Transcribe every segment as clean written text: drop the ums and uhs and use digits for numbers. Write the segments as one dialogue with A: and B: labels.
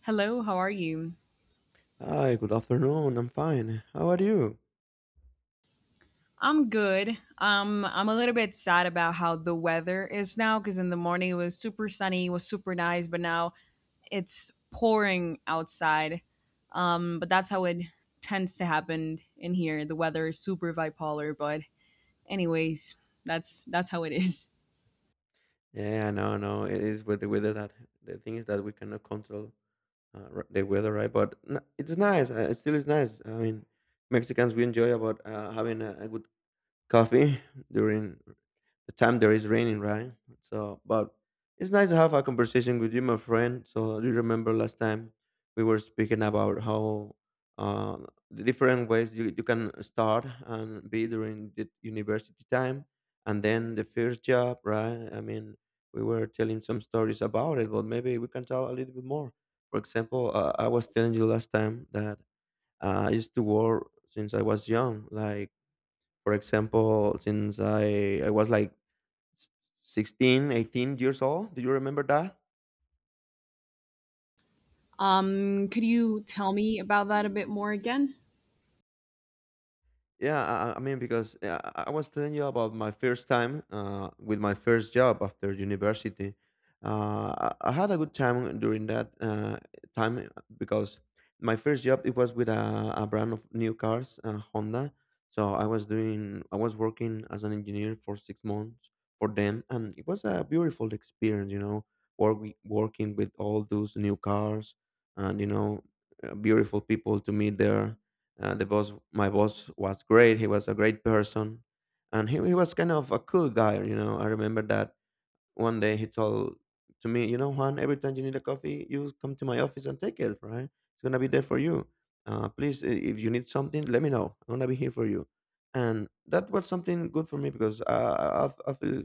A: Hello, how are you?
B: Hi, good afternoon. I'm fine. How are you?
A: I'm good. I'm a little bit sad about how the weather is now because in the morning it was super sunny, it was super nice, but now it's pouring outside. But that's how it tends to happen in here. The weather is super bipolar, but anyways, that's how it is.
B: Yeah, I know, I know. It is with the weather that the thing is that we cannot control the weather, right? It's nice. It still is nice. I mean, Mexicans we enjoy about having a good coffee during the time there is raining, right? So, but it's nice to have a conversation with you, my friend. So, do you remember last time we were speaking about how uh, the different ways you can start and be during the university time and then the first job, right? I mean, we were telling some stories about it, but maybe we can tell a little bit more. For example, I was telling you last time that I used to work since I was young, like for example, since I was like s- 16, 18 years old. Do you remember that?
A: Could you tell me about that a bit more again?
B: Yeah, I mean, because yeah, I was telling you about my first time with my first job after university. Uh, I had a good time during that time because my first job it was with a brand of new cars, Honda. So I was working as an engineer for 6 months for them, and it was a beautiful experience, you know, work, working with all those new cars and you know, beautiful people to meet there the boss, my boss, was great. He was a great person, and he was kind of a cool guy. You know, I remember that one day he told to me, you know, Juan, every time you need a coffee, you come to my office and take it. Right, it's gonna be there for you. Please, if you need something, let me know. I'm gonna be here for you. And that was something good for me because I feel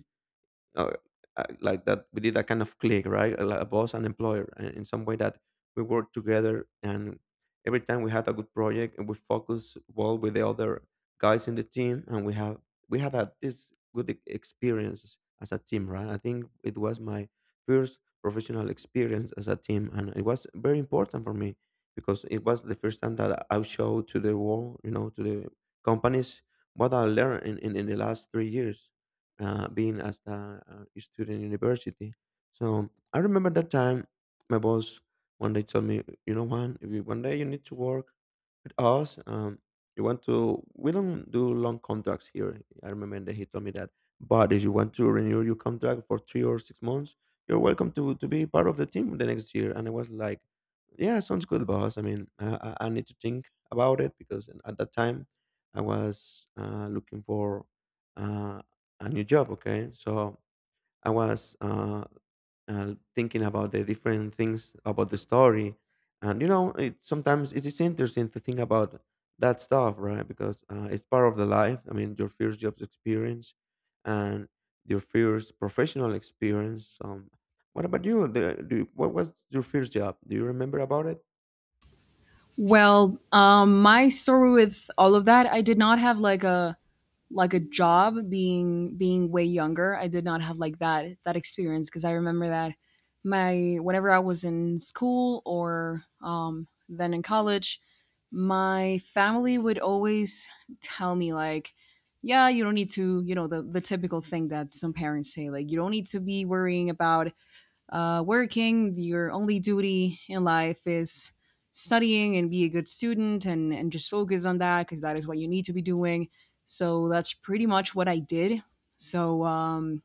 B: uh, like that we did that kind of click right a boss and employer in some way that we work together and every time we had a good project and we focus well with the other guys in the team and we had this good experience as a team right I think it was my first professional experience as a team and it was very important for me because it was the first time that I showed to the world, you know, to the companies what I learned in the last 3 years being as a student in university. So I remember that time my boss one day told me, you know, Juan, if you, one day you need to work with us, you want to, we don't do long contracts here. I remember that he told me that. But if you want to renew your contract for 3 or 6 months, you're welcome to be part of the team the next year. And I was like, yeah, sounds good, boss. I mean, I need to think about it because at that time I was looking for uh, a new job. Okay, so I was thinking about the different things about the story, and you know, it, sometimes it is interesting to think about that stuff, right? Because it's part of the life. I mean, your first job experience and your first professional experience. What about you? What was your first job? Do you remember about it?
A: Well, my story with all of that, I did not have like a job being way younger. I did not have like that experience because I remember that my whenever I was in school or then in college, my family would always tell me like, "Yeah, you don't need to," you know, the typical thing that some parents say, like, "You don't need to be worrying about working, your only duty in life is studying and be a good student and just focus on that because that is what you need to be doing. So that's pretty much what I did. So um,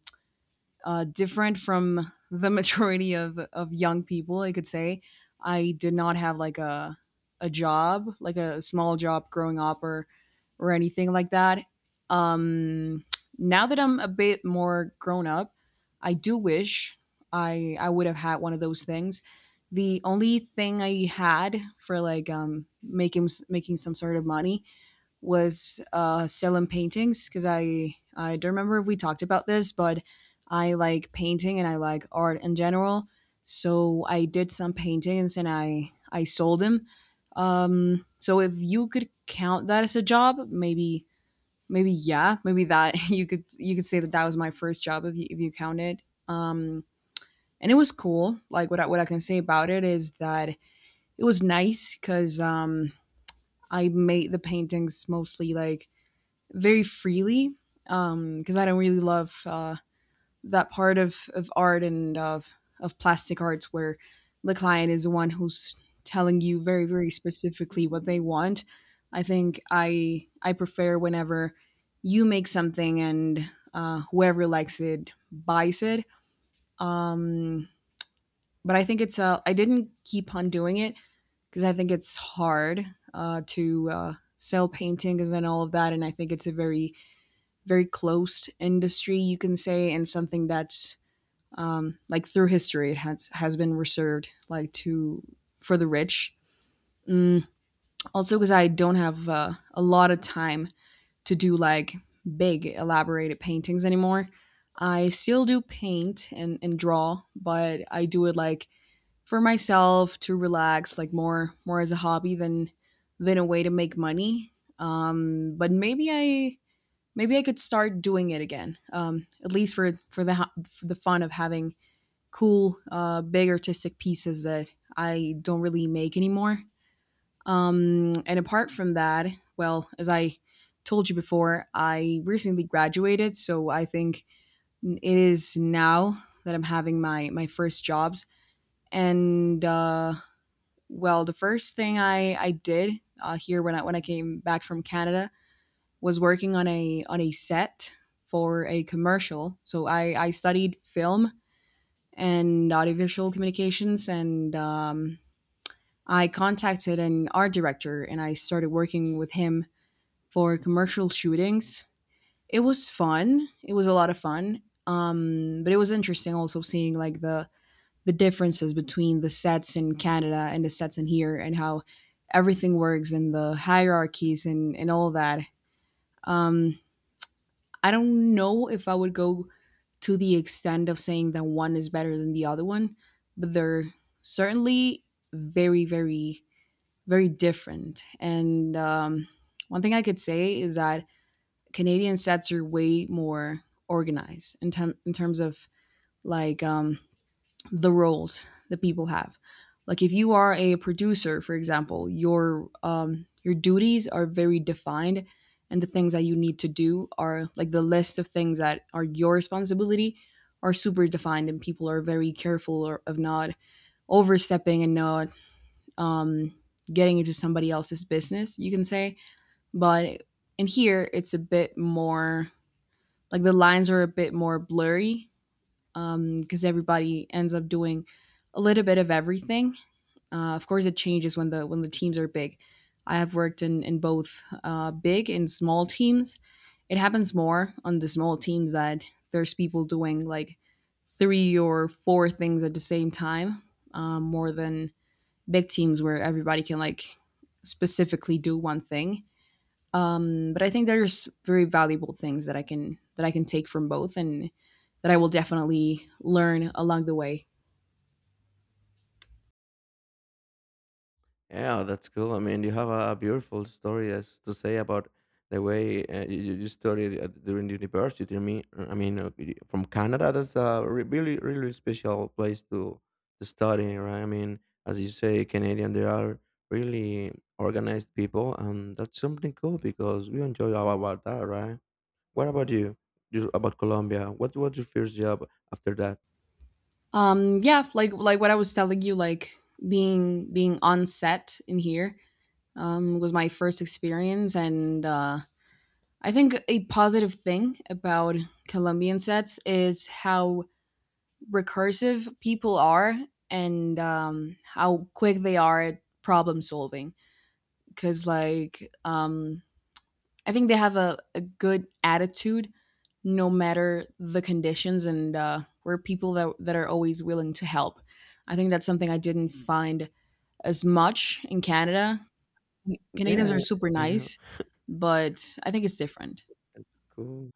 A: Different from the majority of young people, I could say. I did not have like a job, like a small job growing up or anything like that. Um, Now that I'm a bit more grown up, I do wish I would have had one of those things. The only thing I had for like making some sort of money was selling paintings because I don't remember if we talked about this, but I like painting and I like art in general. So I did some paintings and I sold them. So if you could count that as a job, maybe maybe yeah, maybe that you could say that that was my first job if you count it. Um, and it was cool. Like what I can say about it is that it was nice because I made the paintings mostly like very freely because I don't really love that part of art and of plastic arts where the client is the one who's telling you very very specifically what they want. I think I prefer whenever you make something and whoever likes it buys it. Um, but I think it's I didn't keep on doing it because I think it's hard to sell paintings and all of that, and I think it's a very very closed industry, you can say, and something that's like through history it has been reserved like to for the rich. Also, because I don't have a lot of time to do like big elaborated paintings anymore. I still do paint and draw, but I do it like for myself to relax, like more as a hobby than a way to make money. But maybe I could start doing it again, at least for for the fun of having cool, big artistic pieces that I don't really make anymore. And apart from that, well, as I told you before, I recently graduated, so I think it is now that I'm having my first jobs. And well, the first thing I did here when I came back from Canada was working on a set for a commercial. So I studied film and audiovisual communications, and I contacted an art director, and I started working with him for commercial shootings. It was fun. It was a lot of fun. But it was interesting also seeing like the differences between the sets in Canada and the sets in here, and how everything works and the hierarchies and all that. Um, I don't know if I would go to the extent of saying that one is better than the other one, but they're certainly very, very, very different. And one thing I could say is that Canadian sets are way more organized in terms of like the roles that people have. Like if you are a producer, for example, your duties are very defined, and the things that you need to do are like the list of things that are your responsibility are super defined, and people are very careful or, of not overstepping and not um, getting into somebody else's business. You can say, but in here it's a bit more like the lines are a bit more blurry because everybody ends up doing a little bit of everything. Of course, it changes when the teams are big. I have worked in both big and small teams. It happens more on the small teams that there's people doing like three or four things at the same time, more than big teams where everybody can like specifically do one thing. But I think there's very valuable things that I can take from both, and that I will definitely learn along the way.
B: Yeah, that's cool. I mean, you have a beautiful story as to say about the way you studied during the university. I mean, from Canada, that's really, really special place to study, right? I mean, as you say, Canadian, they are really organized people, and that's something cool because we enjoy all about that, right? What about you? You about Colombia? What was your first job after that?
A: Yeah, like what I was telling you, like being on set in here was my first experience, and I think a positive thing about Colombian sets is how recursive people are and how quick they are at problem solving. Because like I think they have a good attitude no matter the conditions and we're people that, that are always willing to help. I think that's something I didn't find as much in Canada. Canadians
B: Yeah,
A: are super
B: I know.
A: nice, but I think it's different.
B: That's cool.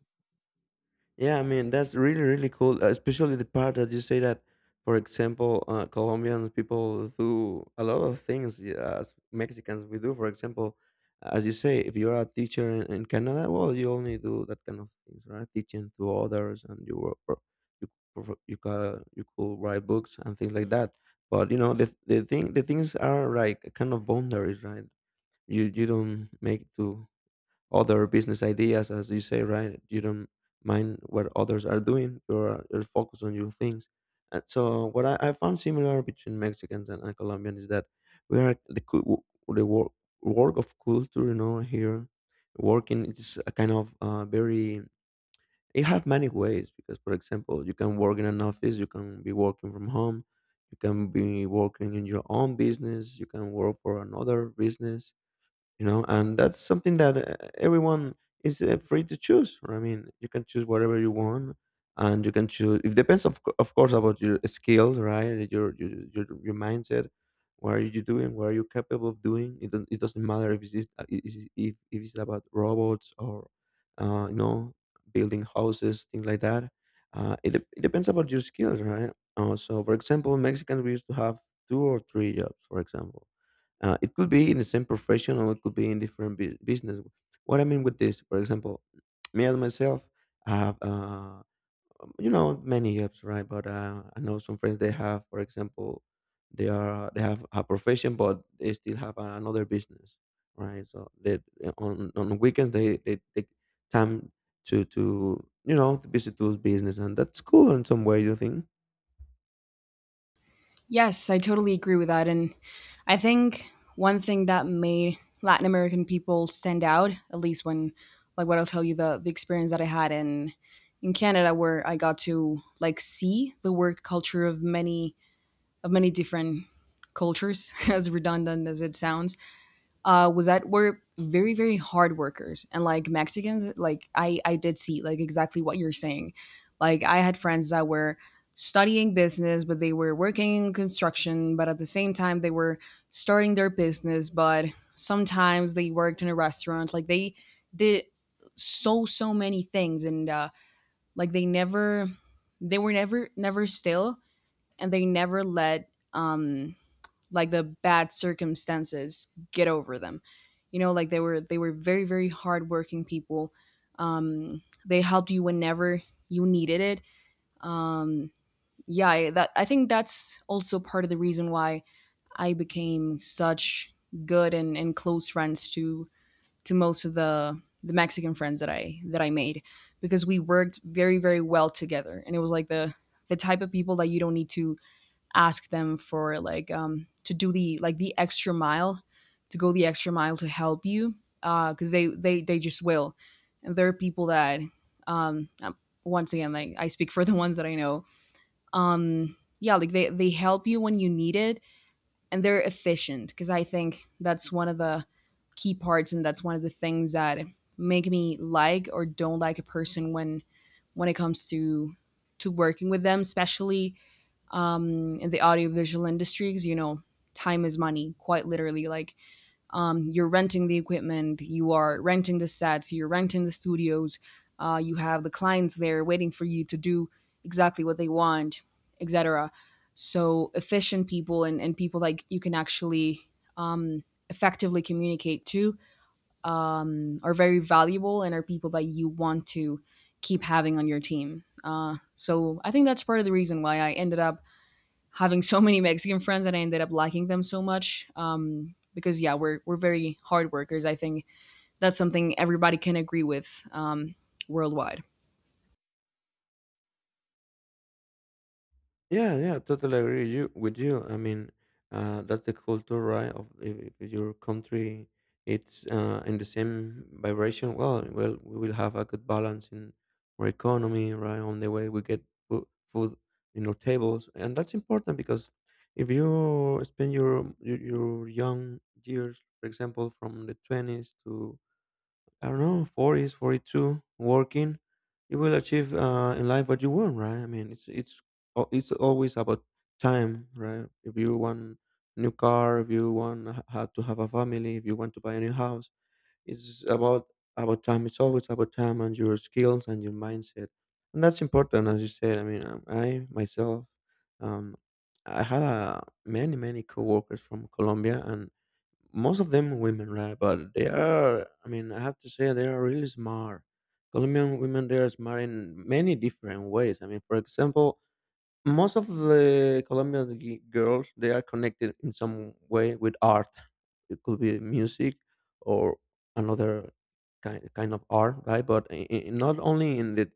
B: Yeah, I mean that's really really cool, especially the part that you say that, for example, Colombian people do a lot of things, yeah, as Mexicans we do. For example, as you say, if you're a teacher in Canada, well, you only do that kind of things, right? Teaching to others, and you work, or you prof- you ca you could write books and things like that. But you know the things are like kind of boundaries, right? You don't make to other business ideas, as you say, right? You don't mind what others are doing. You're focused on your things. And so, what I found similar between Mexicans and Colombians is that we are the work of culture, you know, here working is a kind of very it have many ways because for example you can work in an office, you can be working from home, you can be working in your own business, you can work for another business, you know, and that's something that everyone is free to choose, right? I mean you can choose whatever you want, and you can choose it depends of course about your skills, right, your mindset, what are you doing, what are you capable of doing it, it doesn't matter if it's, I- is- if it's about robots or you know building houses things like that it depends about your skills right so for example Mexicans we used to have two or three jobs, for example it could be in the same profession or it could be in different business. What I mean with this, for example, me as myself I have, you know, many jobs, right? But I know some friends they have, for example, they have a profession, but they still have another business, right? So they on weekends they take time to you know to visit those business, and that's cool in some way. You think?
A: Yes, I totally agree with that. And I think one thing that made Latin American people stand out, at least when, like, what I'll tell you the experience that I had in Canada, where I got to like see the work culture of many different cultures, as redundant as it sounds, was that we're very, very hard workers. And like Mexicans, like I did see like exactly what you're saying. Like I had friends that were studying business, but they were working in construction, but at the same time they were starting their business, but sometimes they worked in a restaurant. Like they did so, so many things and like they never they were never still and they never let like the bad circumstances get over them, you know, like they were very very hardworking people. They helped you whenever you needed it. Um yeah I- that i think that's also part of the reason why I became such good and close friends to most of the Mexican friends that I made because we worked very very well together and it was like the type of people that you don't need to ask them for like to do the like the extra mile, to go the extra mile to help you, because they just will. And there are people that um, um, once again, like I speak for the ones that I know. Yeah, like they help you when you need it, and they're efficient because I think that's one of the key parts, and that's one of the things that make me like or don't like a person when it comes to working with them, especially in the audiovisual industry because you know time is money quite literally like you're renting the equipment, you are renting the sets, you're renting the studios, you have the clients there waiting for you to do exactly what they want, et cetera. So efficient people and people like you can actually um, effectively communicate to are very valuable and are people that you want to keep having on your team, so I think that's part of the reason why I ended up having so many Mexican friends that I ended up liking them so much. Because yeah, we're very hard workers. I think that's something everybody can agree with worldwide.
B: Yeah, yeah, totally agree you with you. I mean, that's the culture, right? Of if your country, it's in the same vibration. Well, well, we will have a good balance in our economy, right? On the way we get fo- food in our tables, and that's important because if you spend your young years, for example, from the twenties to I don't know, 40s, 42, working, you will achieve in life what you want, right? I mean, it's always about time, right? If you want a new car, if you want how to have a family, if you want to buy a new house, it's about time. It's always about time and your skills and your mindset, and that's important, as you said. I mean, I myself, um, I had many many coworkers from Colombia, and most of them women, right? But they are, I mean, I have to say, they are really smart. Colombian women, they are smart in many different ways. I mean, for example, most of the Colombian girls, they are connected in some way with art. It could be music or another kind of art, right? But not only in the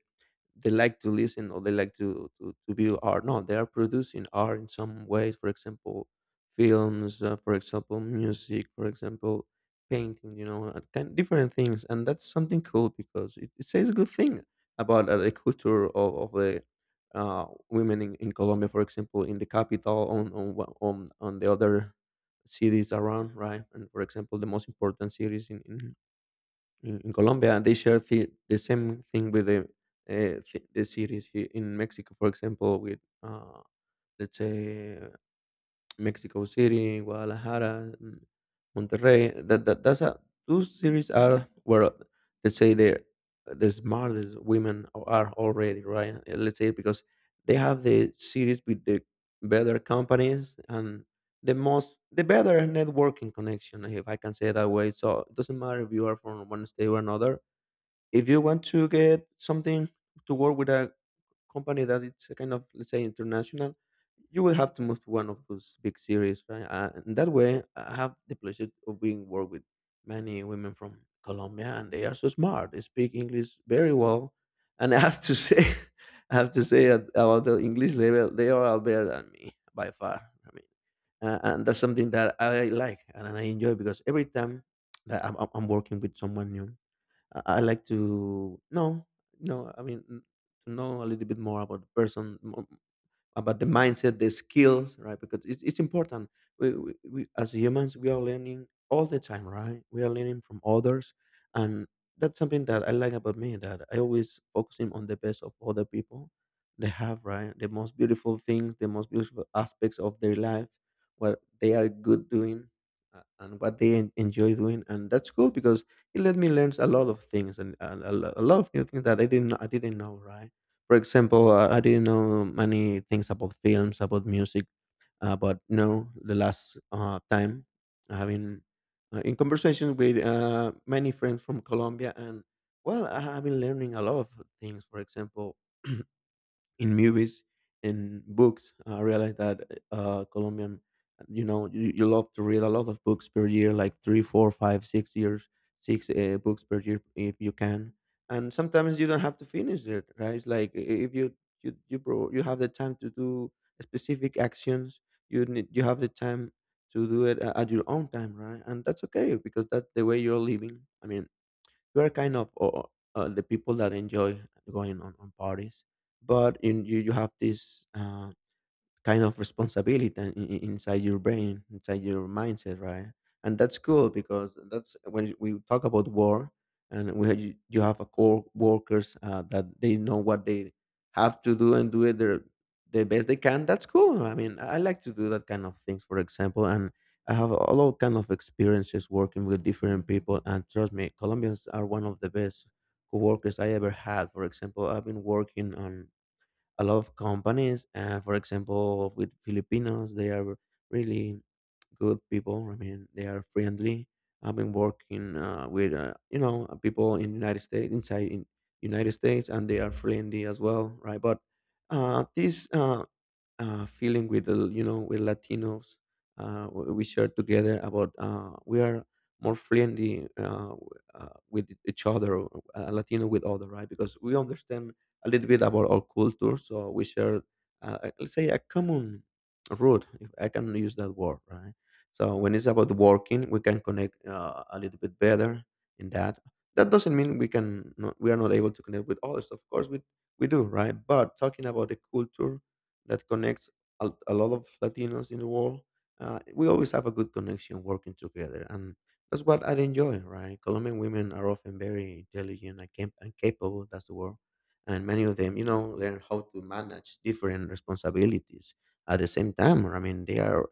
B: they like to listen or they like to, to view art. No, they are producing art in some ways. For example, films. For example, music. For example, painting. You know, kind different things, and that's something cool because it says a good thing about the culture of the women in Colombia. For example, in the capital, on one- on the other cities around, right? And for example, the most important cities in Colombia, they share the same thing with the the cities here in Mexico, for example, with let's say Mexico City, Guadalajara, mm, Monterrey. That's a those cities are where let's say the smartest women are already right. Let's say because they have the cities with the better companies and the better networking connection if I can say it that way, so it doesn't matter if you are from one state or another. If you want to get something, to work with a company that it's a kind of, let's say, international, you will have to move to one of those big series, right? And that way I have the pleasure of being work with many women from Colombia, and they are so smart, they speak English very well. And I have to say, I have to say that about the English level, they are all better than me by far. I mean, and that's something that I like and I enjoy, because every time that I'm working with someone new, I like to know, I mean, to know a little bit more about the person, about the mindset, the skills, right? Because it's important. We, as humans, we are learning all the time, right? We are learning from others. And that's something that I like about me, that I always focusing on the best of other people they have, right? The most beautiful things, the most beautiful aspects of their life, what they are good doing, and what they enjoy doing. And that's cool because it let me learn a lot of things, and a lot of new things that I didn't know, right? For example, I didn't know many things about films, about music, but no, the last time having in conversation with many friends from Colombia, and well, I have been learning a lot of things. For example, in movies and books. I realized that Colombian, you know, you love to read a lot of books per year, like 3, 4, 5, 6 years, 6 books per year if you can. And sometimes you don't have to finish it, right? It's like if you you have the time to do specific actions, you have the time to do it at your own time, right? And that's okay because that's the way you're living. I mean, we're kind of the people that enjoy going on parties, but in you have this kind of responsibility inside your brain, inside your mindset, right? And that's cool because that's when we talk about war, and you have a core workers that they know what they have to do and do it their the best they can. That's cool. I mean, I like to do that kind of things, for example, and I have a lot kind of experiences working with different people. And trust me, Colombians are one of the best co-workers I ever had. For example, I've been working on a lot of companies. For example, with Filipinos, they are really good people. I mean, they are friendly. I've been working with you know, people in United States, inside in United States, and they are friendly as well, right? But this feeling with the, you know, with Latinos, we share together about we are more friendly, with each other, Latino with other, right? Because we understand a little bit about our culture, so we share let's say a common root, if I can use that word, right? So when it's about working, we can connect a little bit better in that. That doesn't mean we can not, we are not able to connect with others, of course we do, right? But talking about the culture that connects a lot of Latinos in the world. We always have a good connection working together, and that's what I enjoy, right? Colombian women are often very intelligent and, and capable. That's the word. And many of them, you know, learn how to manage different responsibilities at the same time. I mean, they are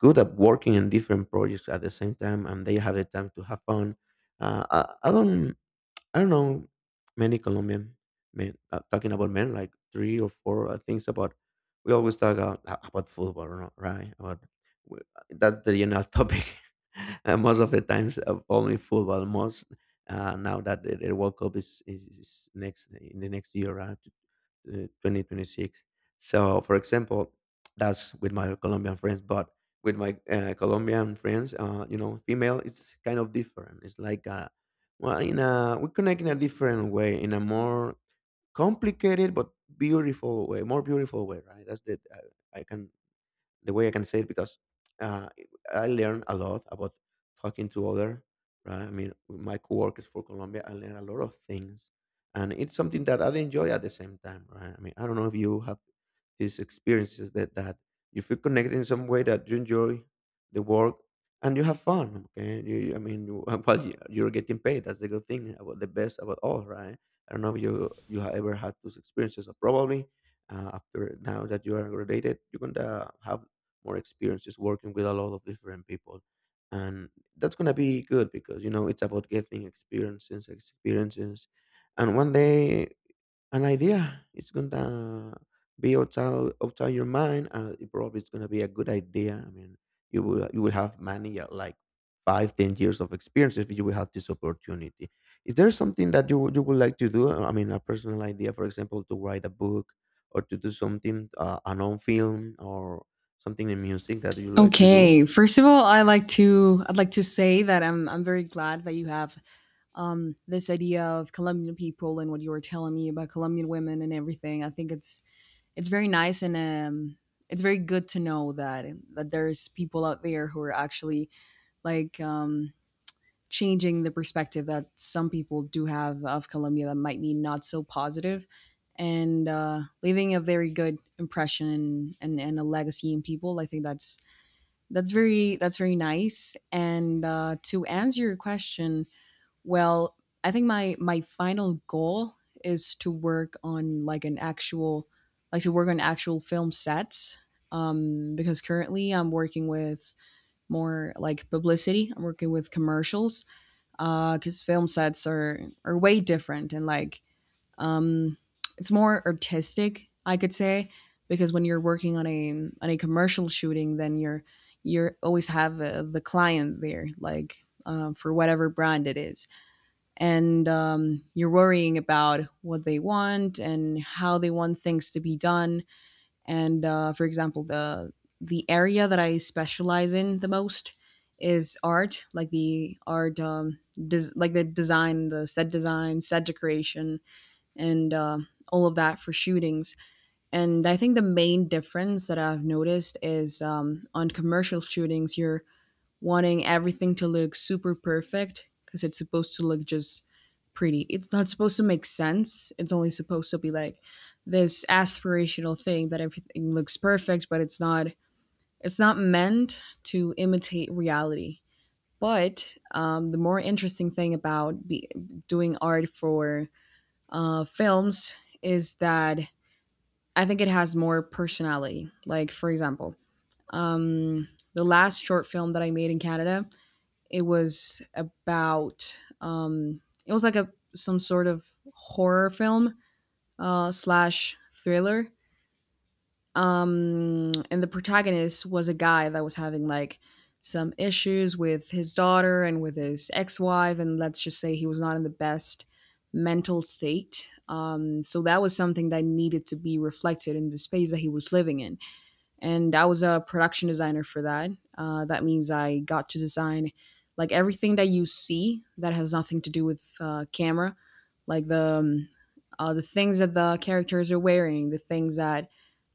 B: good at working in different projects at the same time, and they have the time to have fun. I don't I don't know many Colombian men, talking about men, like 3 or 4 things about. We always talk about football, right? About w- that's the general topic. Most of the times, only football. Most now that the World Cup is next in the next year, right? 2026. So, for example, that's with my Colombian friends, but with my Colombian friends, you know, female, it's kind of different. It's like, well, we connect in a different way, in a more complicated but beautiful way, more beautiful way, right? That's the I can the way I can say it, because uh, I learn a lot about talking to other. Right? I mean, with my coworkers for Colombia, I learn a lot of things, and it's something that I enjoy at the same time. Right? I mean, I don't know if you have these experiences that you feel connected in some way, that you enjoy the work and you have fun. Okay, I mean, you, well, you're getting paid. That's the good thing, about the best about all. Right? I don't know if you have ever had those experiences, or probably after, now that you are graduated, you're gonna have more experiences working with a lot of different people, and that's gonna be good because, you know, it's about getting experiences, and one day an idea. It's gonna be outside, your mind, and it probably it's gonna be a good idea. I mean, you will have many like 5, 10 years of experience if you will have this opportunity. Is there something that you would like to do? I mean, a personal idea, for example, to write a book, or to do something, a non film, or something in music that you like to do.
A: Okay, first of all, I'd like to say that I'm very glad that you have this idea of Colombian people and what you were telling me about Colombian women and everything. I think it's very nice and it's very good to know that that there's people out there who are actually like changing the perspective that some people do have of Colombia that might be not so positive and leaving a very good impression and a legacy in people. I think that's that's very nice. And To answer your question, well, I think my final goal is to work on like an actual like to work on actual film sets because currently I'm working with more like publicity. I'm working with commercials because film sets are way different and um, it's more artistic, I could say, because when you're working on a commercial shooting, then you're always have the client there, like for whatever brand it is, and you're worrying about what they want and how they want things to be done, and for example, the area that I specialize in the most is art, like the art, like the design, the set design, set decoration, and all of that for shootings. And I think the main difference that I've noticed is, on commercial shootings, you're wanting everything to look super perfect because it's supposed to look just pretty. It's not supposed to make sense. It's only supposed to be like this aspirational thing that everything looks perfect, but it's not. It's not meant to imitate reality. But the more interesting thing about doing art for films is that I think it has more personality. Like, for example, um, the last short film that I made in Canada, it was about, it was like a some sort of horror film slash thriller. And the protagonist was a guy that was having like some issues with his daughter and with his ex-wife, and let's just say he was not in the best mental state. So that was something that needed to be reflected in the space that he was living in, and I was a production designer for that. That means I got to design like everything that you see that has nothing to do with camera, like the things that the characters are wearing, the things that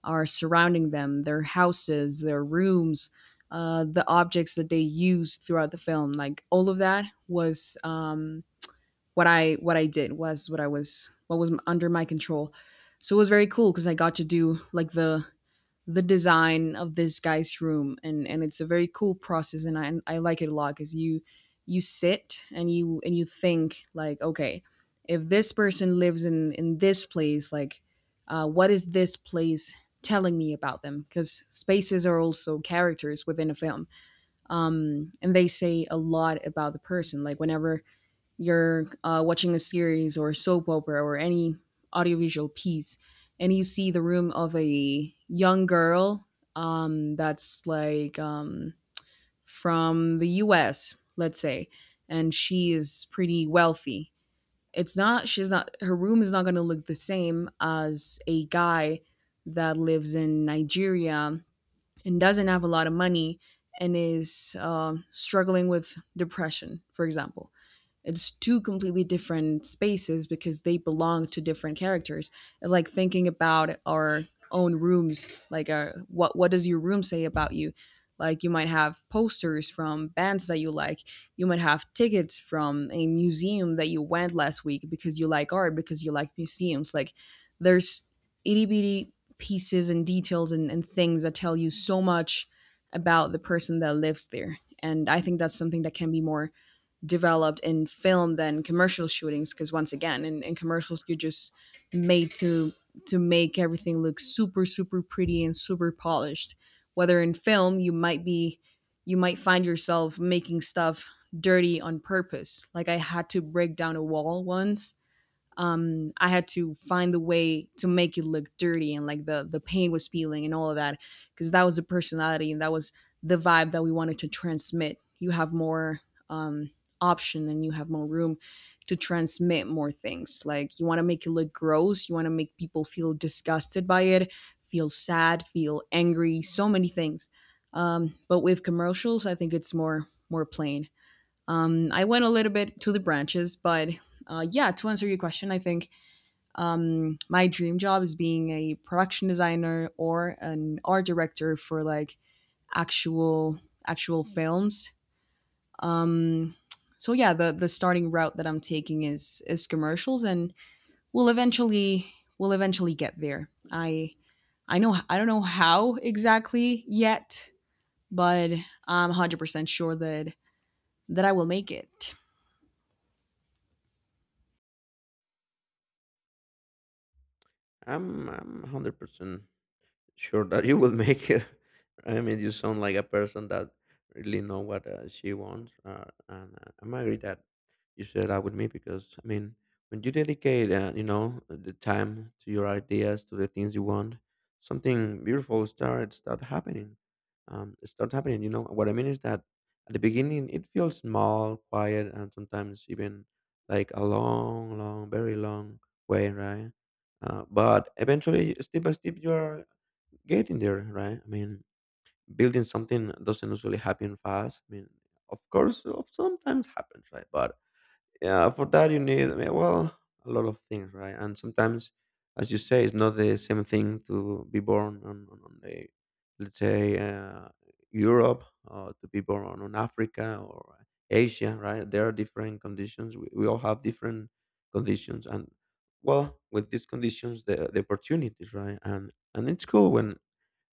A: are surrounding them, their houses, their rooms, the objects that they use throughout the film. Like all of that was, what I did was what I was what was under my control. So it was very cool because I got to do like the design of this guy's room, and it's a very cool process and I like it a lot cuz you sit and you think like, okay, if this person lives in this place, like what is this place telling me about them, because spaces are also characters within a film, um, and they say a lot about the person. Like whenever you're watching a series or soap opera or any audiovisual piece and you see the room of a young girl, that's from the us, let's say, and she is pretty wealthy, it's not she's not her room is not going to look the same as a guy that lives in nigeria and doesn't have a lot of money and is, struggling with depression, for example. It's two completely different spaces because they belong to different characters. It's like thinking about our own rooms, like, what does your room say about you? Like you might have posters from bands that you like. You might have tickets from a museum that you went last week because you like art, because you like museums. Like there's itty bitty pieces and details and, things that tell you so much about the person that lives there. And I think that's something that can be more developed in film than commercial shootings, because once again, in commercials, you're just made to make everything look super, super pretty and super polished. Whether in film, you might find yourself making stuff dirty on purpose. Like I had to break down a wall once. I had to find the way to make it look dirty and like the paint was peeling and all of that, because that was the personality and that was the vibe that we wanted to transmit. You have more um option and you have more room to transmit more things, like you want to make it look gross, you want to make people feel disgusted by it, feel sad, feel angry, so many things. But with commercials, I think it's more plain. I went a little bit to the branches, but yeah, to answer your question, I think, my dream job is being a production designer or an art director for like actual actual films. Um, so yeah, the starting route that I'm taking is commercials, and we'll eventually we'll eventually get there. I know I don't know how exactly yet, but I'm 100% sure that I will make it.
B: I'm 100% sure that you will make it. I mean, you sound like a person that really know what she wants, and I'm agree that you share that with me, because I mean, when you dedicate, you know, the time to your ideas, to the things you want, something beautiful start happening. It start happening. You know what I mean, is that at the beginning it feels small, quiet, and sometimes even like a long, long, very long way, right? But eventually, step by step, you are getting there, right? I mean, building something doesn't usually happen fast. I mean, of course, of sometimes happens, right? But yeah, for that you need, I mean, well, a lot of things, right? And sometimes, as you say, it's not the same thing to be born on the, let's say, Europe, or to be born on Africa or Asia, right? There are different conditions. We all have different conditions, and well, with these conditions, the opportunities, right? And it's cool when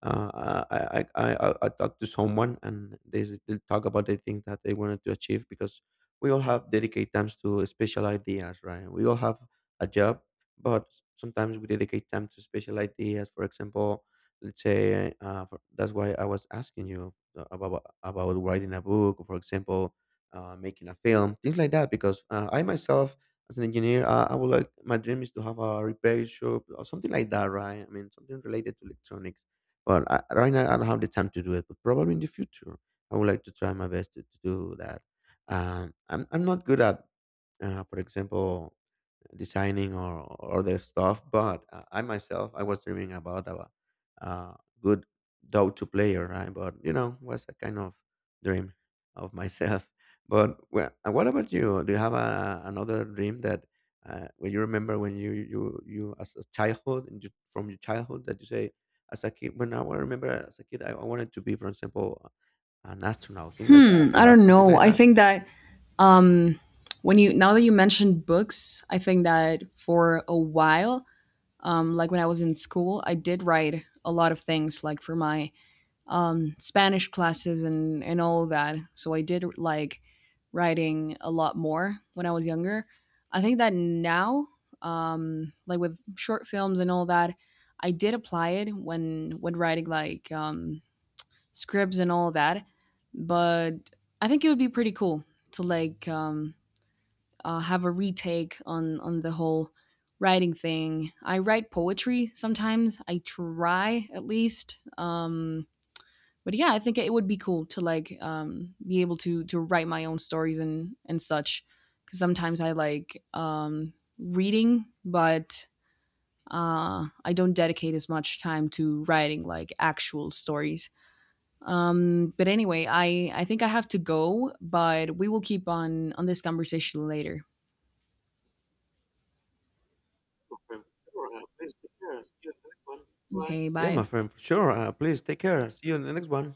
B: I talk to someone and they talk about the thing that they wanted to achieve, because we all have dedicate times to special ideas, right? We all have a job, but sometimes we dedicate time to special ideas. For example, let's say that's why I was asking you about about writing a book, or for example, making a film, things like that. Because I myself, as an engineer, I would like, my dream is to have a repair shop or something like that, right? I mean, something related to electronics. Well, right now I don't have the time to do it, but probably in the future I would like to try my best to do that. I'm not good at, for example, designing or their stuff. But I myself, I was dreaming about a good Dota player, right? But you know, was a kind of dream of myself. But well, what about you? Do you have another dream that when you remember, when you as a childhood and you, from your childhood, that you say as a kid, when remember, as a kid I wanted to be, for example, an astronaut, thing like that.
A: Hmm,
B: Do you
A: I
B: have
A: don't
B: something
A: know.
B: like
A: I
B: that?
A: think that um when you now that you mentioned books, I think that for a while, like when I was in school, I did write a lot of things like for my Spanish classes and all that. So I did like writing a lot more when I was younger. I think that now like with short films and all that, I did apply it when writing like scripts and all that. But I think it would be pretty cool to have a retake on the whole writing thing. I write poetry sometimes. I try at least. But yeah, I think it would be cool to like, be able to write my own stories and such. Because sometimes I like, reading, but I don't dedicate as much time to writing like actual stories. But anyway, I think I have to go, but we will keep on this conversation later. Okay,
B: Yeah,
A: bye.
B: my friend, for sure. Please take care. See you in the next one.